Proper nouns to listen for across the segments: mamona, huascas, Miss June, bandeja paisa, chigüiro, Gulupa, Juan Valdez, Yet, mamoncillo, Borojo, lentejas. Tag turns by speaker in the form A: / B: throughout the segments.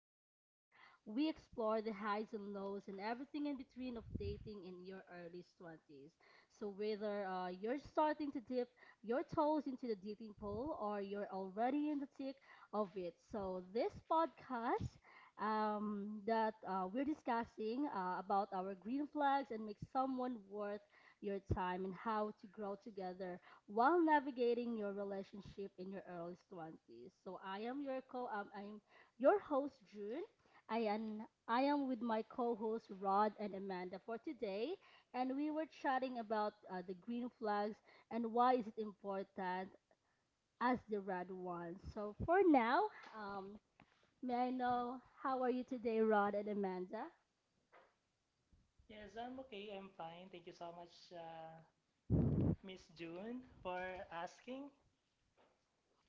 A: So we explore the highs and lows and everything in between of dating in your early 20s. So whether you're starting to dip your toes into the dating pool or you're already in the thick of it. So this podcast that we're discussing about our green flags and make someone worth your time and how to grow together while navigating your relationship in your early 20s. So I am your co I'm your host June. I am I am with my co-hosts Rod and Amanda for today, and we were chatting about the green flags and why is it important as the red ones. So for now, um may I know how are you today, Rod and Amanda?
B: Yes, I'm okay. I'm fine. Thank you so much, Miss June, for asking.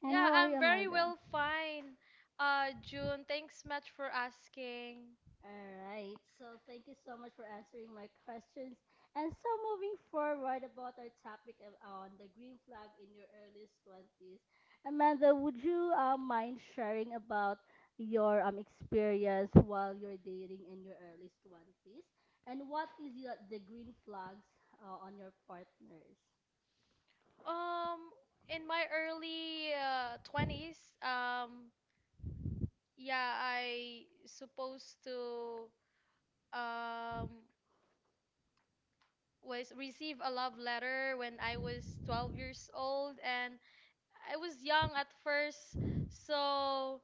A: And
C: Yeah,
A: how are you,
C: I'm very
A: Amanda?
C: well fine. June, thanks much for asking.
A: All right. So thank you so much for answering my questions. And so moving forward about our on the green flag in your earliest twenties, Amanda, would you mind sharing about your experience while you're dating in your earliest twenties, and what is the green flags on your partners?
C: Um, in my early 20s, yeah, I supposed to um was receive a love letter when I was 12 years old and I was young at first. So,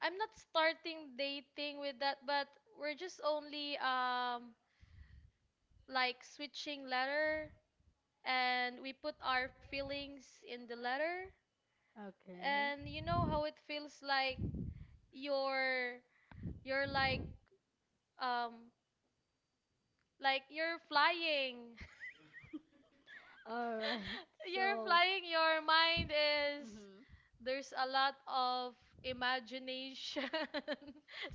C: I'm not starting dating with that, but we're just only like switching letter, and we put our feelings in the letter,
A: Okay.
C: and you know how it feels like you're you're um like you're flying.
A: All right.
C: You're
A: So.
C: flying, your mind is
A: Mhm.
C: there's a lot of imagination.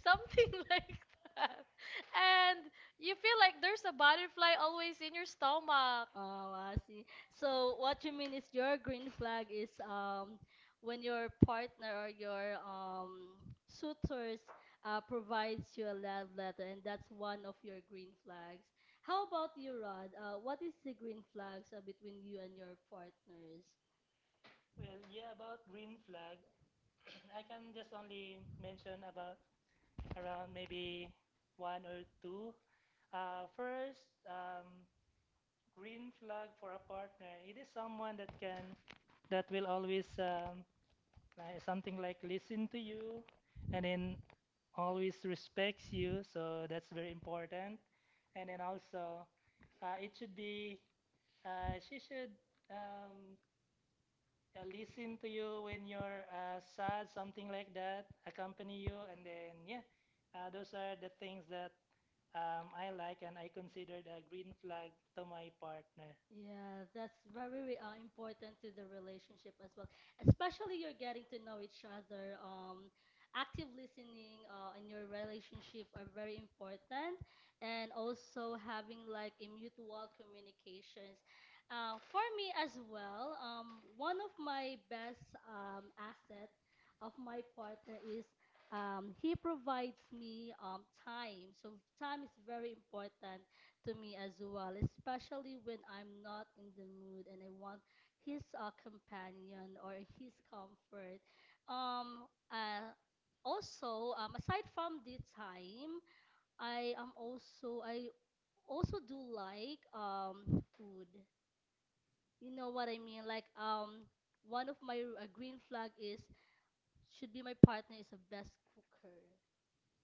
C: Something like that, and you feel like there's a butterfly always in your stomach.
A: Oh, I see. So what you mean is your green flag is when your partner or your suitors provides you a love letter, and that's one of your green flags. How about you, Rod? What is the green flags between you and your partners?
B: About green flag, I can just only mention about around maybe one or two. First, green flag for a partner. It is someone that will always like something like listen to you, and then always respects you. So that's very important. And then also, it should be she should um, listen to you when you're sad, something like that, accompany you, and then, yeah, those are the things that I like and I considered a green flag to my partner.
A: Yeah, that's very important to the relationship as well. Especially you're getting to know each other. Active listening in your relationship are very important, and also having like a mutual communications. For me as well, one of my best asset of my partner is he provides me time. So time is very important to me as well, especially when I'm not in the mood and I want his companion or his comfort. Um, uh, also, aside from the time, I also do like food. You know what I mean? Like one of my green flag is should be my partner is a best cooker,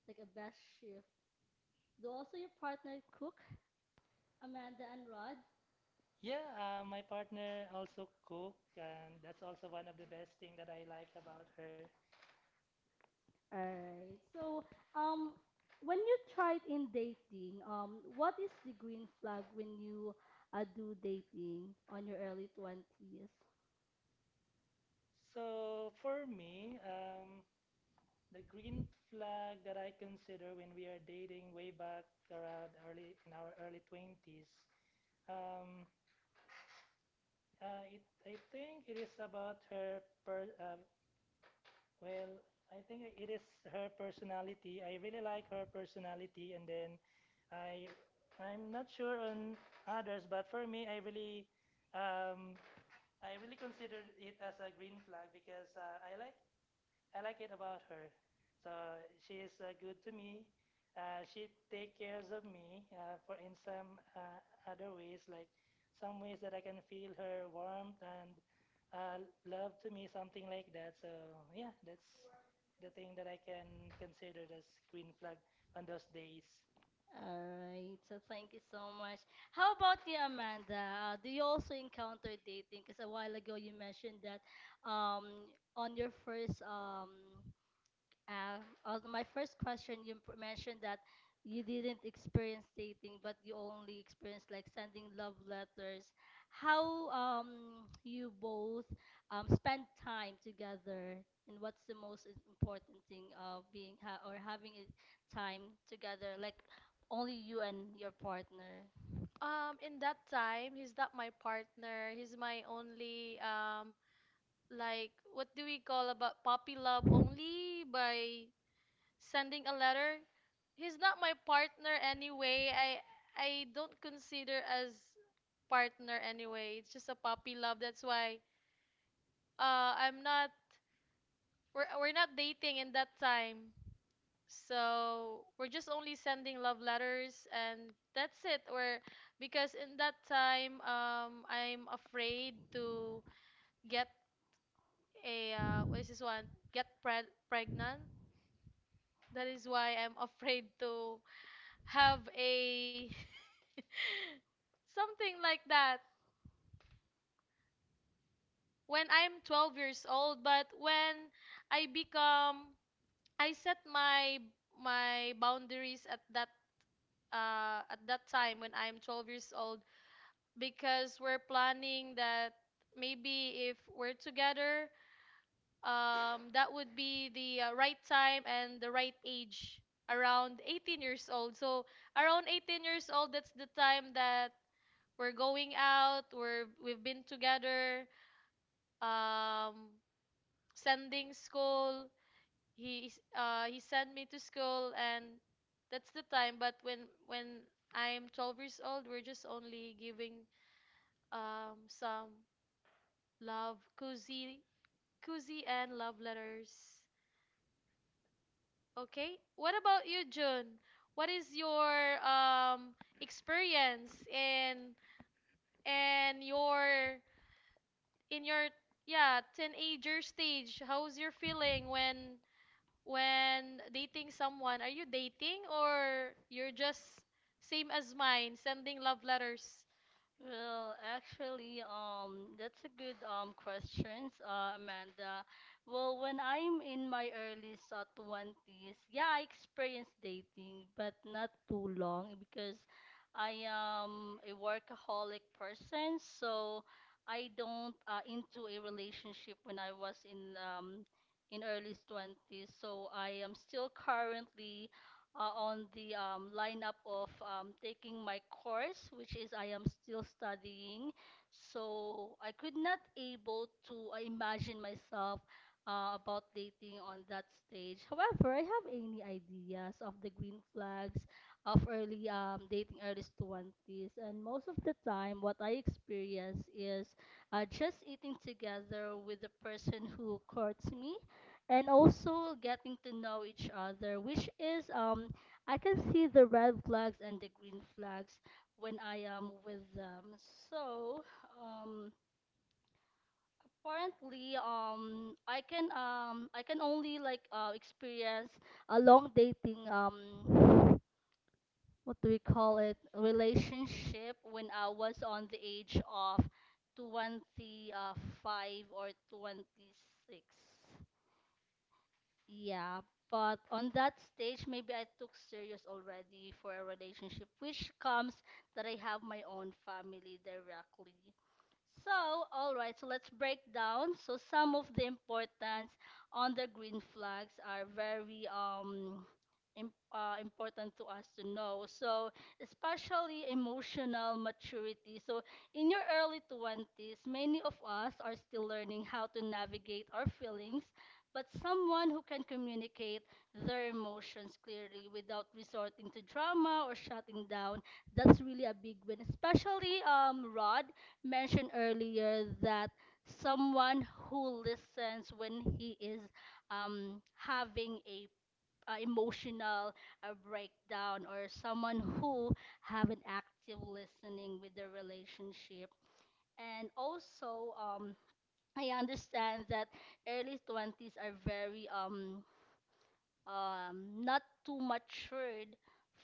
A: like a best chef. Do also your partner cook, Amanda and Rod?
B: Yeah, my partner also cook, and that's also one of the best thing that I like about her.
A: All right. So, um, when you tried in dating, what is the green flag when you do dating on your early 20s?
B: So for me, um, the green flag that I consider when we are dating way back around early in our early 20s, um, I think it is about well, I think it is her personality. I really like her personality, and then I, I'm not sure on others, but for me, um, I really consider it as a green flag because I like it about her. So she is good to me. She take cares of me for in some other ways, like some ways that I can feel her warmth and uh, love to me, something like that. So yeah, that's the thing that I can consider as green flag on those days.
A: All right. So thank you so much. How about you, Amanda? Do you also encounter dating? Because a while ago you mentioned that um on your first Uh, also, my first question, you p- mentioned that you didn't experience dating, but you only experienced like sending love letters. How you both spend time together, and what's the most important thing of being ha or having a time together, like only you and your partner?
C: In that time, he's not my partner, he's my only like what do we call about puppy love, only by sending a letter. He's not my partner anyway. I don't consider as partner anyway, it's just a puppy love. That's why, I'm not, we're not dating in that time. So we're just only sending love letters, and that's it. Or because in that time, I'm afraid to get a what is this one get pregnant. That is why I'm afraid to have a something like that when I'm 12 years old. But when I become, I set my boundaries at that time when I'm 12 years old, because we're planning that maybe if we're together, that would be the right time and the right age, around 18 years old. So around 18 years old, that's the time that we're going out, we've been together, um, sending school. He he sent me to school, and that's the time. But when I'm 12 years old, we're just only giving some love, cozy and love letters. Okay. What about you, June? What is your experience in and your in your yeah, teenager stage? How's your feeling when dating someone? Are you dating, or you're just same as mine, sending love letters?
A: Well, actually, that's a good questions, Amanda. Well, when I'm in my early 20s, yeah, I experienced dating, but not too long because I am a workaholic person, so I don't into a relationship when I was in early 20s. So I am still currently on the lineup of taking my course, which is I am still studying. So I could not able to imagine myself about dating on that stage. However, I have any ideas of the green flags of early dating early 20s. And most of the time, what I experience is just eating together with the person who courts me, and also getting to know each other, which is I can see the red flags and the green flags when I am with them. So, um, apparently, I can I can only like experience a long dating what do we call it relationship when I was on the age of 25 or 26. Yeah, but on that stage, maybe I took serious already for a relationship, which comes that I have my own family directly. So, all right, so let's break down. So, some of the importance on the green flags are very im important to us to know. So, especially emotional maturity. So, in your early 20s, many of us are still learning how to navigate our feelings, but someone who can communicate their emotions clearly without resorting to drama or shutting down, that's really a big win, especially Rod mentioned earlier that someone who listens when he is having a emotional breakdown or someone who have an active listening with the relationship, and also I understand that early 20s are very not too matured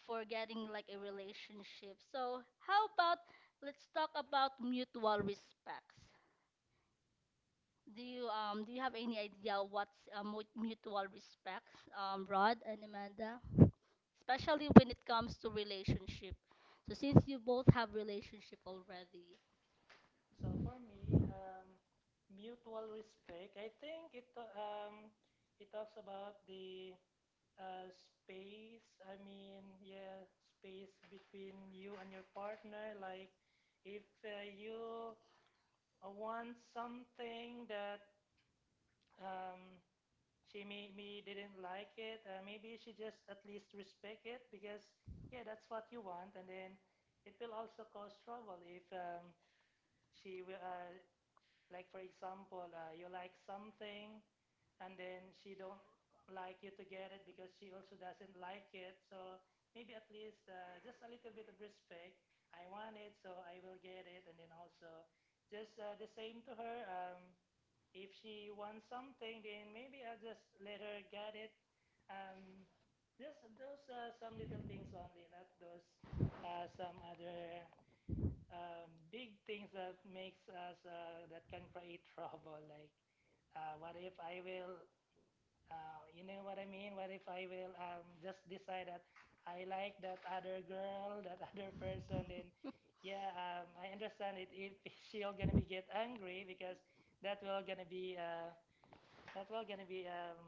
A: for getting like a relationship. So how about let's talk about mutual respects. Do you have any idea what's mutual respect, Rod and Amanda? Especially when it comes to relationship. So since you both have relationship already,
B: So for me, um, mutual respect. I think it it talks about the space, I mean, yeah, space between you and your partner. Like, if you want something that um, she maybe didn't like it, maybe she just at least respect it because, yeah, that's what you want. And then it will also cause trouble if she will, like, for example, you like something and then she don't like you to get it because she also doesn't like it. So maybe at least just a little bit of respect. I want it, so I will get it. And then also just the same to her. If she wants something, then maybe I'll just let her get it. Um, just those some little things only, not those some other big things that makes us that can create trouble. Like what if I will you know what I mean? What if I will just decide that I like that other girl, that other person? Then, yeah, I understand it. If she'll gonna be get angry because that will gonna be uh, that will gonna be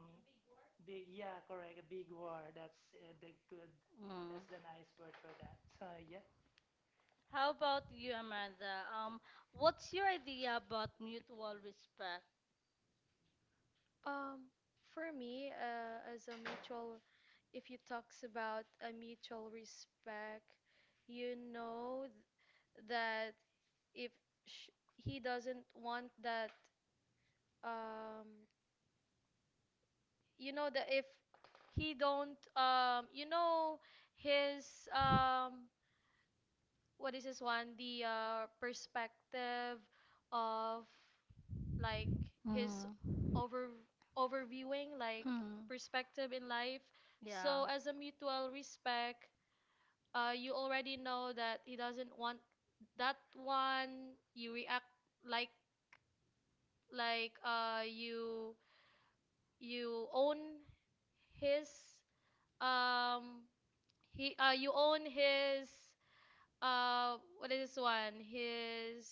B: big. Yeah, correct. A big war. That's the good.
A: mm.
B: That's the nice word for that. So yeah.
A: How about you, Amanda? What's your idea about mutual respect?
C: Um, for me, as a mutual, if you talks about a mutual respect, you know that if sh- he doesn't want that um you know that if he don't you know his what is this one the perspective of like his
A: Mm.
C: over overviewing like
A: Mm.
C: perspective in life.
A: Yeah.
C: So as a mutual respect, you already know that he doesn't want that one you react like like uh you you own his um he you own his what is this one his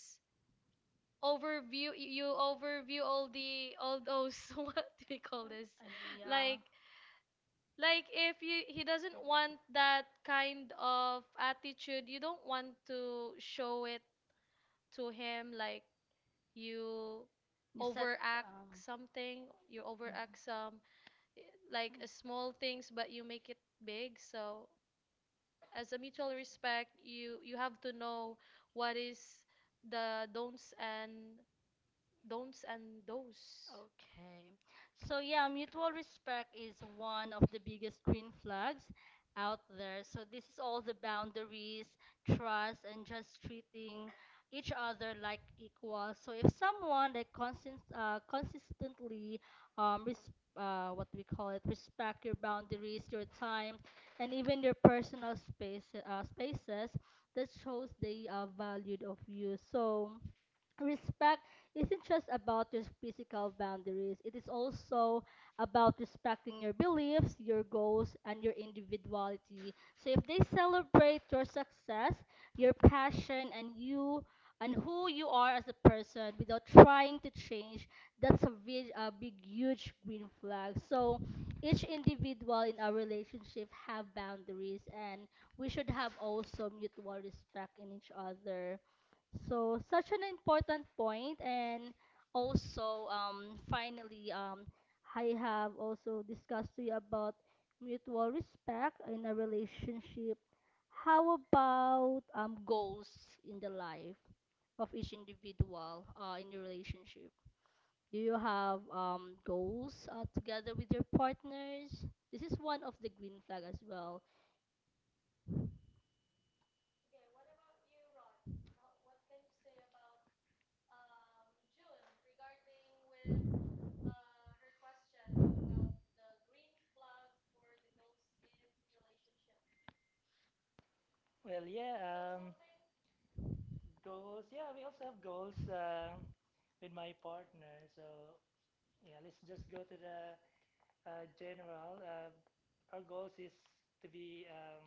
C: overview, you overview all the all those. What do we call this, like
A: And
C: if you he doesn't want that kind of attitude, you don't want to show it to him. Like you overact something, you overact some like small things, but you make it big. So as a mutual respect, you have to know what is the don'ts, and those.
A: okay. So yeah, mutual respect is one of the biggest green flags out there. So this is all the boundaries, trust, and just treating each other like equals. So if someone like consistently res what do we call it respect your boundaries, your time, and even your personal spaces, that shows they are valued of you. So respect isn't just about your physical boundaries, it is also about respecting your beliefs, your goals and your individuality. So if they celebrate your success, your passion and you and who you are as a person without trying to change, that's a big huge green flag. So each individual in our relationship have boundaries and we should have also mutual respect in each other, so such an important point. And also, finally, I have also discussed to you about mutual respect in a relationship. How about goals in the life of each individual in the relationship? Do you have goals together with your partners? This is one of the green flag as well.
B: Well, yeah. Goals. Yeah, we also have goals with my partner. So yeah, let's just go to the uh, general, uh, our goals is to be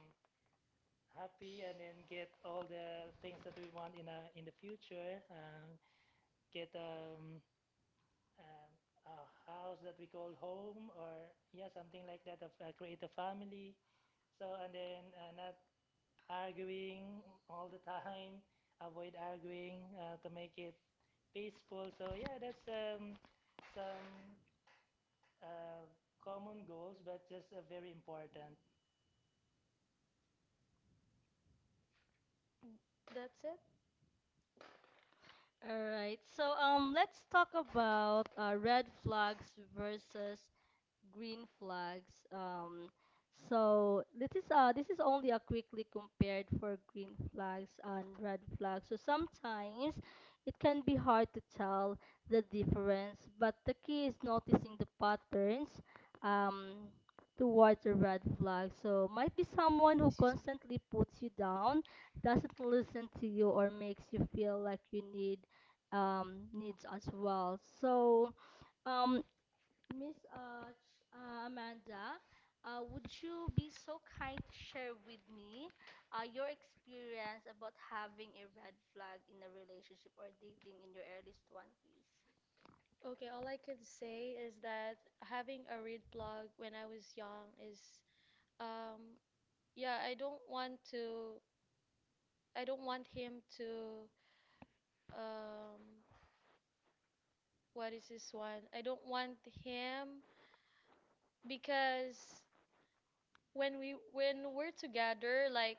B: happy and then get all the things that we want in the future. Get um, a house that we call home, or yeah, something like that. Create a family. So and then not arguing all the time. Avoid arguing to make it peaceful. So yeah, that's some uh, common goals, but just very important.
C: That's it.
A: All right, so let's talk about red flags versus green flags. So this is only a quickly compared for green flags and red flags. So sometimes it can be hard to tell the difference, but the key is noticing the patterns um towards a red flag. So might be someone who
C: Excuse me.
A: constantly puts you down, doesn't listen to you or makes you feel like you need needs as well. So um Amanda, would you be so kind to share with me your experience about having a red flag in a relationship or dating in your earliest twenties?
C: Okay, all I can say is that having a read blog when I was young is, um yeah, I don't want to, I don't want him to, um what is this one? I don't want him, because when we when we're together, like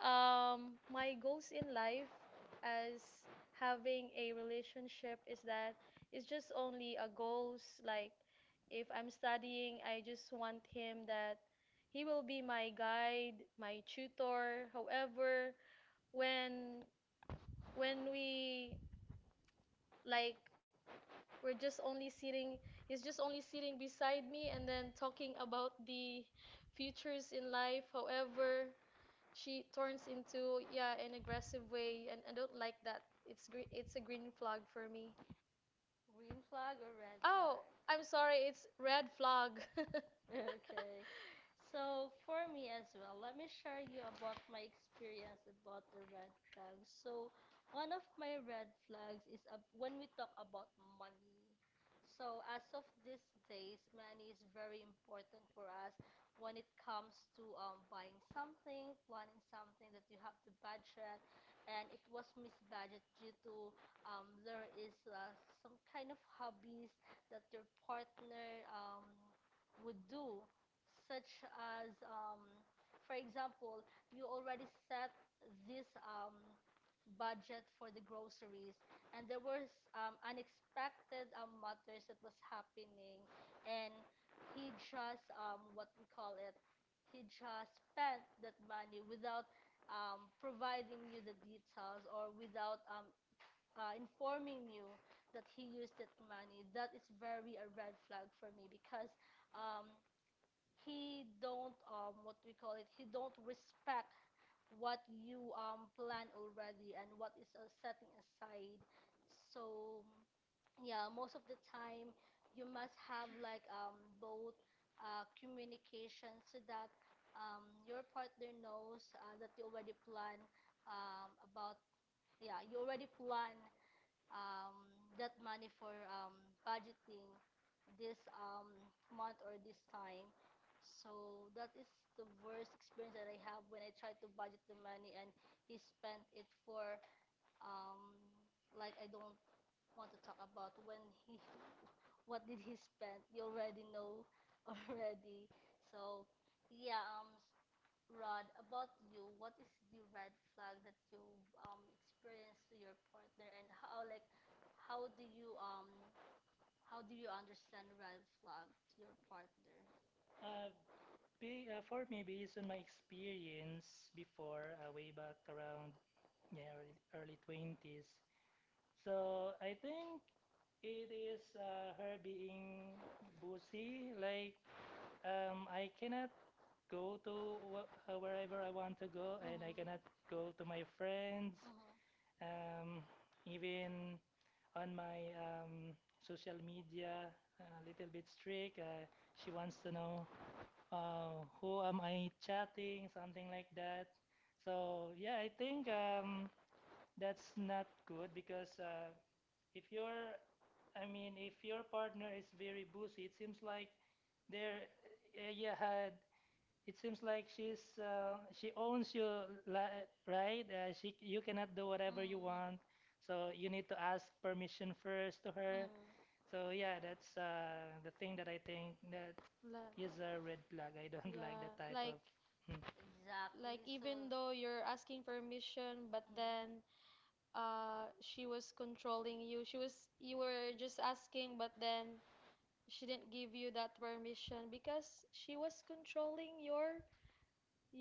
C: my goals in life as having a relationship is that it's just only a goals, like if I'm studying, I just want him that he will be my guide, my tutor. However, when we like we're just only sitting, he's just only sitting beside me, and then talking about the futures in life. However, she turns into, yeah, an aggressive way, and I don't like that. It's gre it's a green flag for me.
A: Green flag or red
C: Oh,
A: flag?
C: I'm sorry, it's red flag.
A: Okay. So for me as well, let me share you about my experience about the red flags. So one of my red flags is ab when we talk about money. So as of these days, money is very important for us when it comes to buying something, planning something that you have to budget, and it was misbudget due to there is some kind of hobbies that your partner would do, such as, for example, you already set this budget for the groceries, and there was unexpected matters that was happening, and he just what we call it, he just spent that money without providing you the details or without informing you that he used that money. That is very a red flag for me because, um, he don't what we call it he don't respect what you plan already and what is setting aside. So yeah, most of the time you must have like both communication so that your partner knows that you already plan about yeah you already plan um, that money for budgeting this month or this time. So that is the worst experience that I have when I tried to budget the money and he spent it for um I don't want to talk about when he what did he spend. You already know already. So yeah, Rod, about you, what is the red flag that you experienced to your partner and how do you um how do you understand red flag to your partner?
B: Uh, for me, based on my experience before, way back around early 20s, so I think it is her being bossy. Like, I cannot go to
A: Mhm.
B: wherever I want to go,
A: Mhm.
B: and I cannot
A: Mhm.
B: go to my friends. Um, even on my social media, a little bit strict. She wants to know who am I chatting, something like that. So yeah, I think that's not good because if your, I mean, if your partner is very boozy, it seems like there, uh, yeah, had, it seems like she's she owns you, li- right? She you cannot do whatever you want, so you need to ask permission first to her. So yeah, that's the thing that I think that
C: La-
B: is a red
A: E-
B: flag. I don't like
C: yeah,
B: that type
C: like
B: of.
A: e-
B: Hmm.
A: Exactly. So
C: even though you're asking permission, but then she was controlling you. She was you were just asking, but then she didn't give you that permission, because she was controlling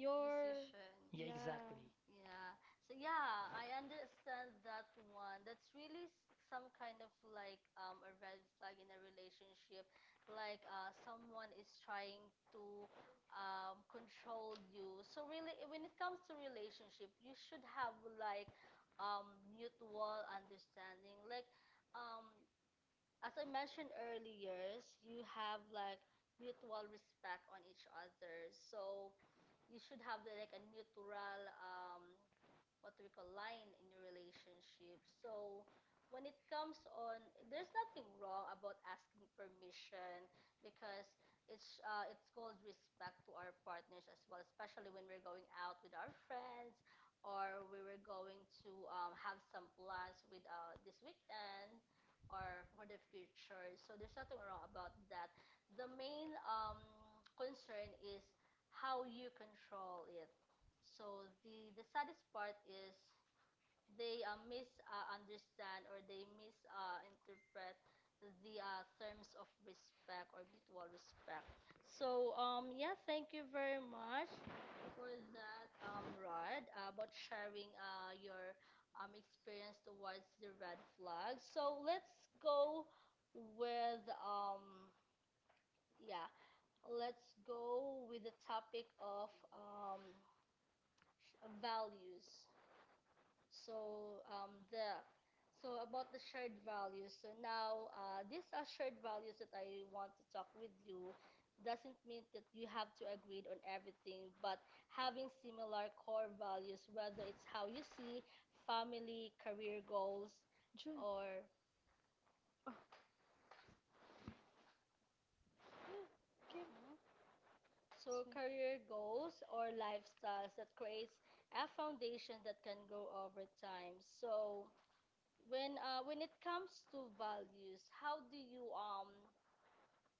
A: Mhm. decision.
B: Yeah,
C: yeah.
B: exactly.
A: Yeah. So yeah, I understand that one. That's really some kind of like a red flag in a relationship. Like someone is trying to control you. So really when it comes to relationship, you should have like mutual understanding. Like um as I mentioned earlier, you have like mutual respect on each other. So you should have like a neutral what do we call line in your relationship. So when it comes on, there's nothing wrong about asking permission, because it's called respect to our partners as well, especially when we're going out with our friends or we were going to have some plans with this weekend or for the future. So there's nothing wrong about that. The main concern is how you control it. So the saddest part is they misunderstand or they misinterpret the terms of respect or mutual respect. So, yeah, thank you very much for that, Rod, about sharing your experience towards the red flag. So let's go with, um, yeah, let's go with the topic of values. So the so about the shared values. So now these are shared values that I want to talk with you. Doesn't mean that you have to agree on everything, but having similar core values, whether it's how you see family, career goals,
C: June,
A: or
C: oh no, get it.
A: mm-hmm,
C: It's
A: so
C: fine.
A: career goals or lifestyles that creates a foundation that can grow over time. So when it comes to values, how do you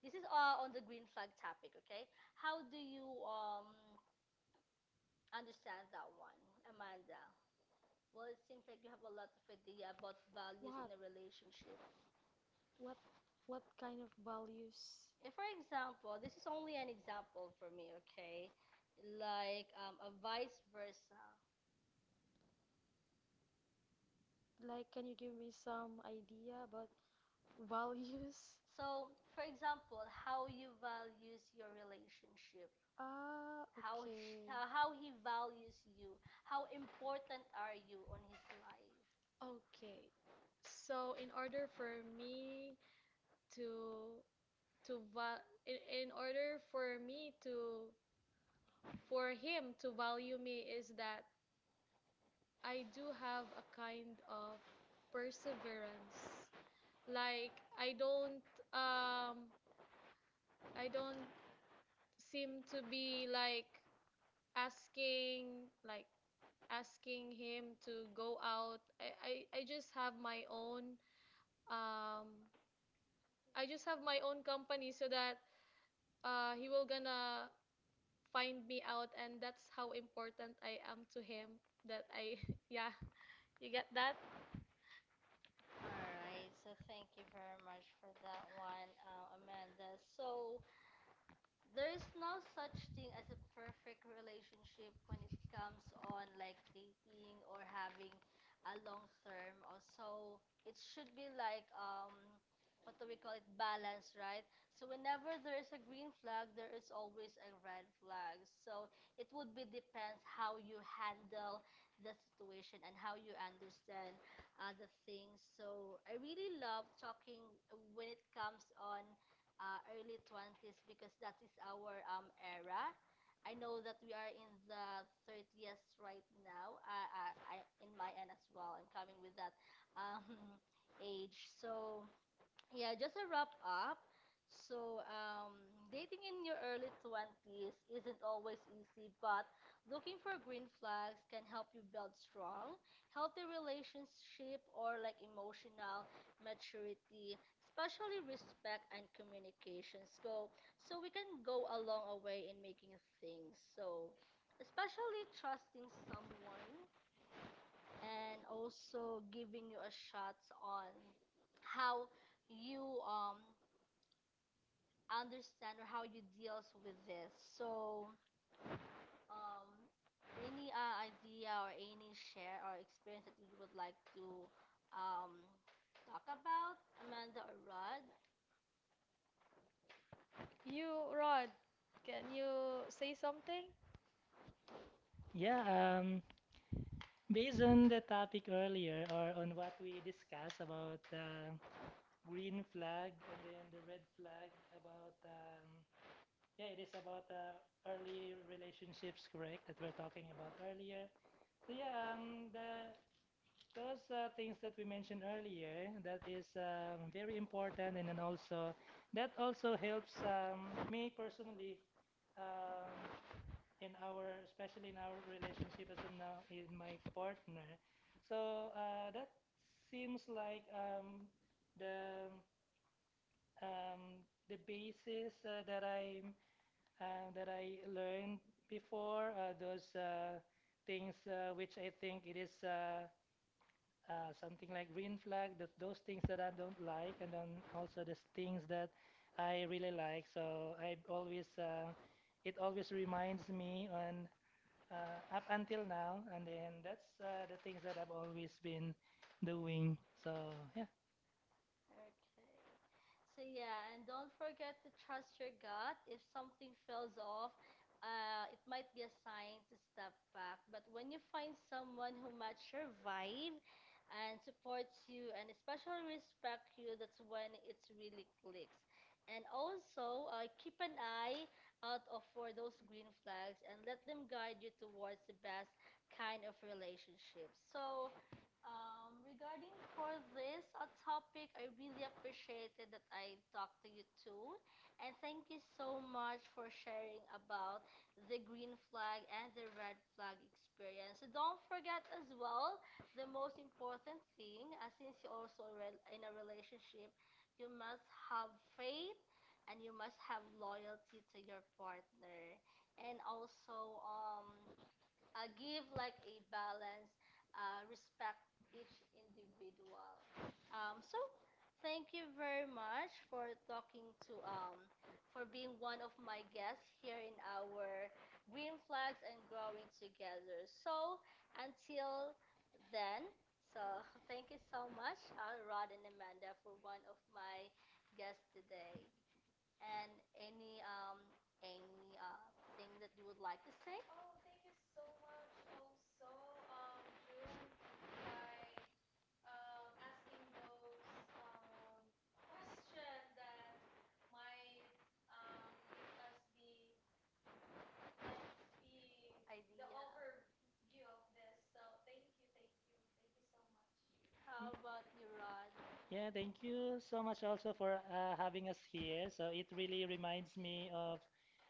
A: This is on the green flag topic, okay? How do you understand that one, Amanda? Well, it seems like you have a lot of idea about values in
C: what
A: a relationship.
C: what what kind of values,
A: If, for example, this is only an example for me, okay? Like a vice versa.
C: like can you give me some idea about values?
A: So, for example, how you values your relationship,
C: Ah,
A: how he,
C: okay.
A: how he values you, how important are you on his life?
C: Okay, so in order for me to to val in order for me to for him to value me is that I do have a kind of perseverance. Like I don't, um I don't seem to be like asking, like asking him to go out. I just have my own um I just have my own company, so that he will gonna find me out, and that's how important I am to him, that I yeah, you get that?
A: All right, so thank you very much for that one, Amanda. So there is no such thing as a perfect relationship when it comes on like dating or having a long term. Also, it should be like what do we call it, balance, right? So whenever there is a green flag, there is always a red flag. So it would be depends how you handle the situation and how you understand other things. So I really love talking when it comes on early 20s because that is our era. I know that we are in the 30s right now. In my end as well, I'm coming with that um, age. So yeah, just a wrap up. So, dating in your early 20s isn't always easy, but looking for green flags can help you build strong, healthy relationship or like emotional maturity, especially respect and communication. So so we can go a long way in making things. So especially trusting someone and also giving you a shots on how you understand or how you deals with this. So um any idea or any share or experience that you would like to um talk about, Amanda or Rod?
C: You, Rod, can you say something?
B: Yeah, based on the topic earlier or on what we discussed about green flag and then the red flag about yeah, it is about early relationships, correct, that we're talking about earlier. So yeah, the those things that we mentioned earlier that is very important and then also that also helps me personally, um, in our especially in our relationship as of now in my partner, so that seems like the um, the basis that I learned before those things which I think it is something like green flag, that those things that I don't like and then also the things that I really like, so I always it always reminds me on up until now, and then that's the things that I've always been doing. So yeah,
A: Okay. So yeah, and don't forget to trust your gut. If something feels off, it might be a sign to step back. But when you find someone who matches your vibe and supports you and especially respect you, that's when it really clicks. And also, keep an eye out of for those green flags and let them guide you towards the best kind of relationship. So, regarding for this a topic, I really appreciated that I talked to you too, and thank you so much for sharing about the green flag and the red flag experience. So don't forget as well the most important thing, since you're also re- in a relationship, you must have faith and you must have loyalty to your partner, and also give like a balance, respect each individual. So thank you very much for talking to for being one of my guests here in our Green Flags and Growing Together. So until then, so thank you so much, Rod and Amanda, for one of my guests today. And any um any thing that you would like to say? Idea. How about you, Rod?
B: yeah. Thank you so much also for having us here. So it really reminds me of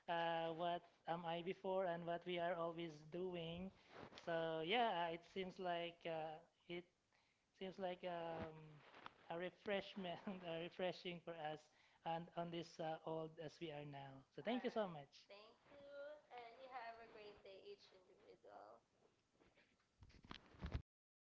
B: what am I before and what we are always doing. So yeah, it seems like a refreshment, a refreshing for us and on this old as we are now. So thank you so
A: Alright,
B: much.
A: thank you, and you have a great day, each individual.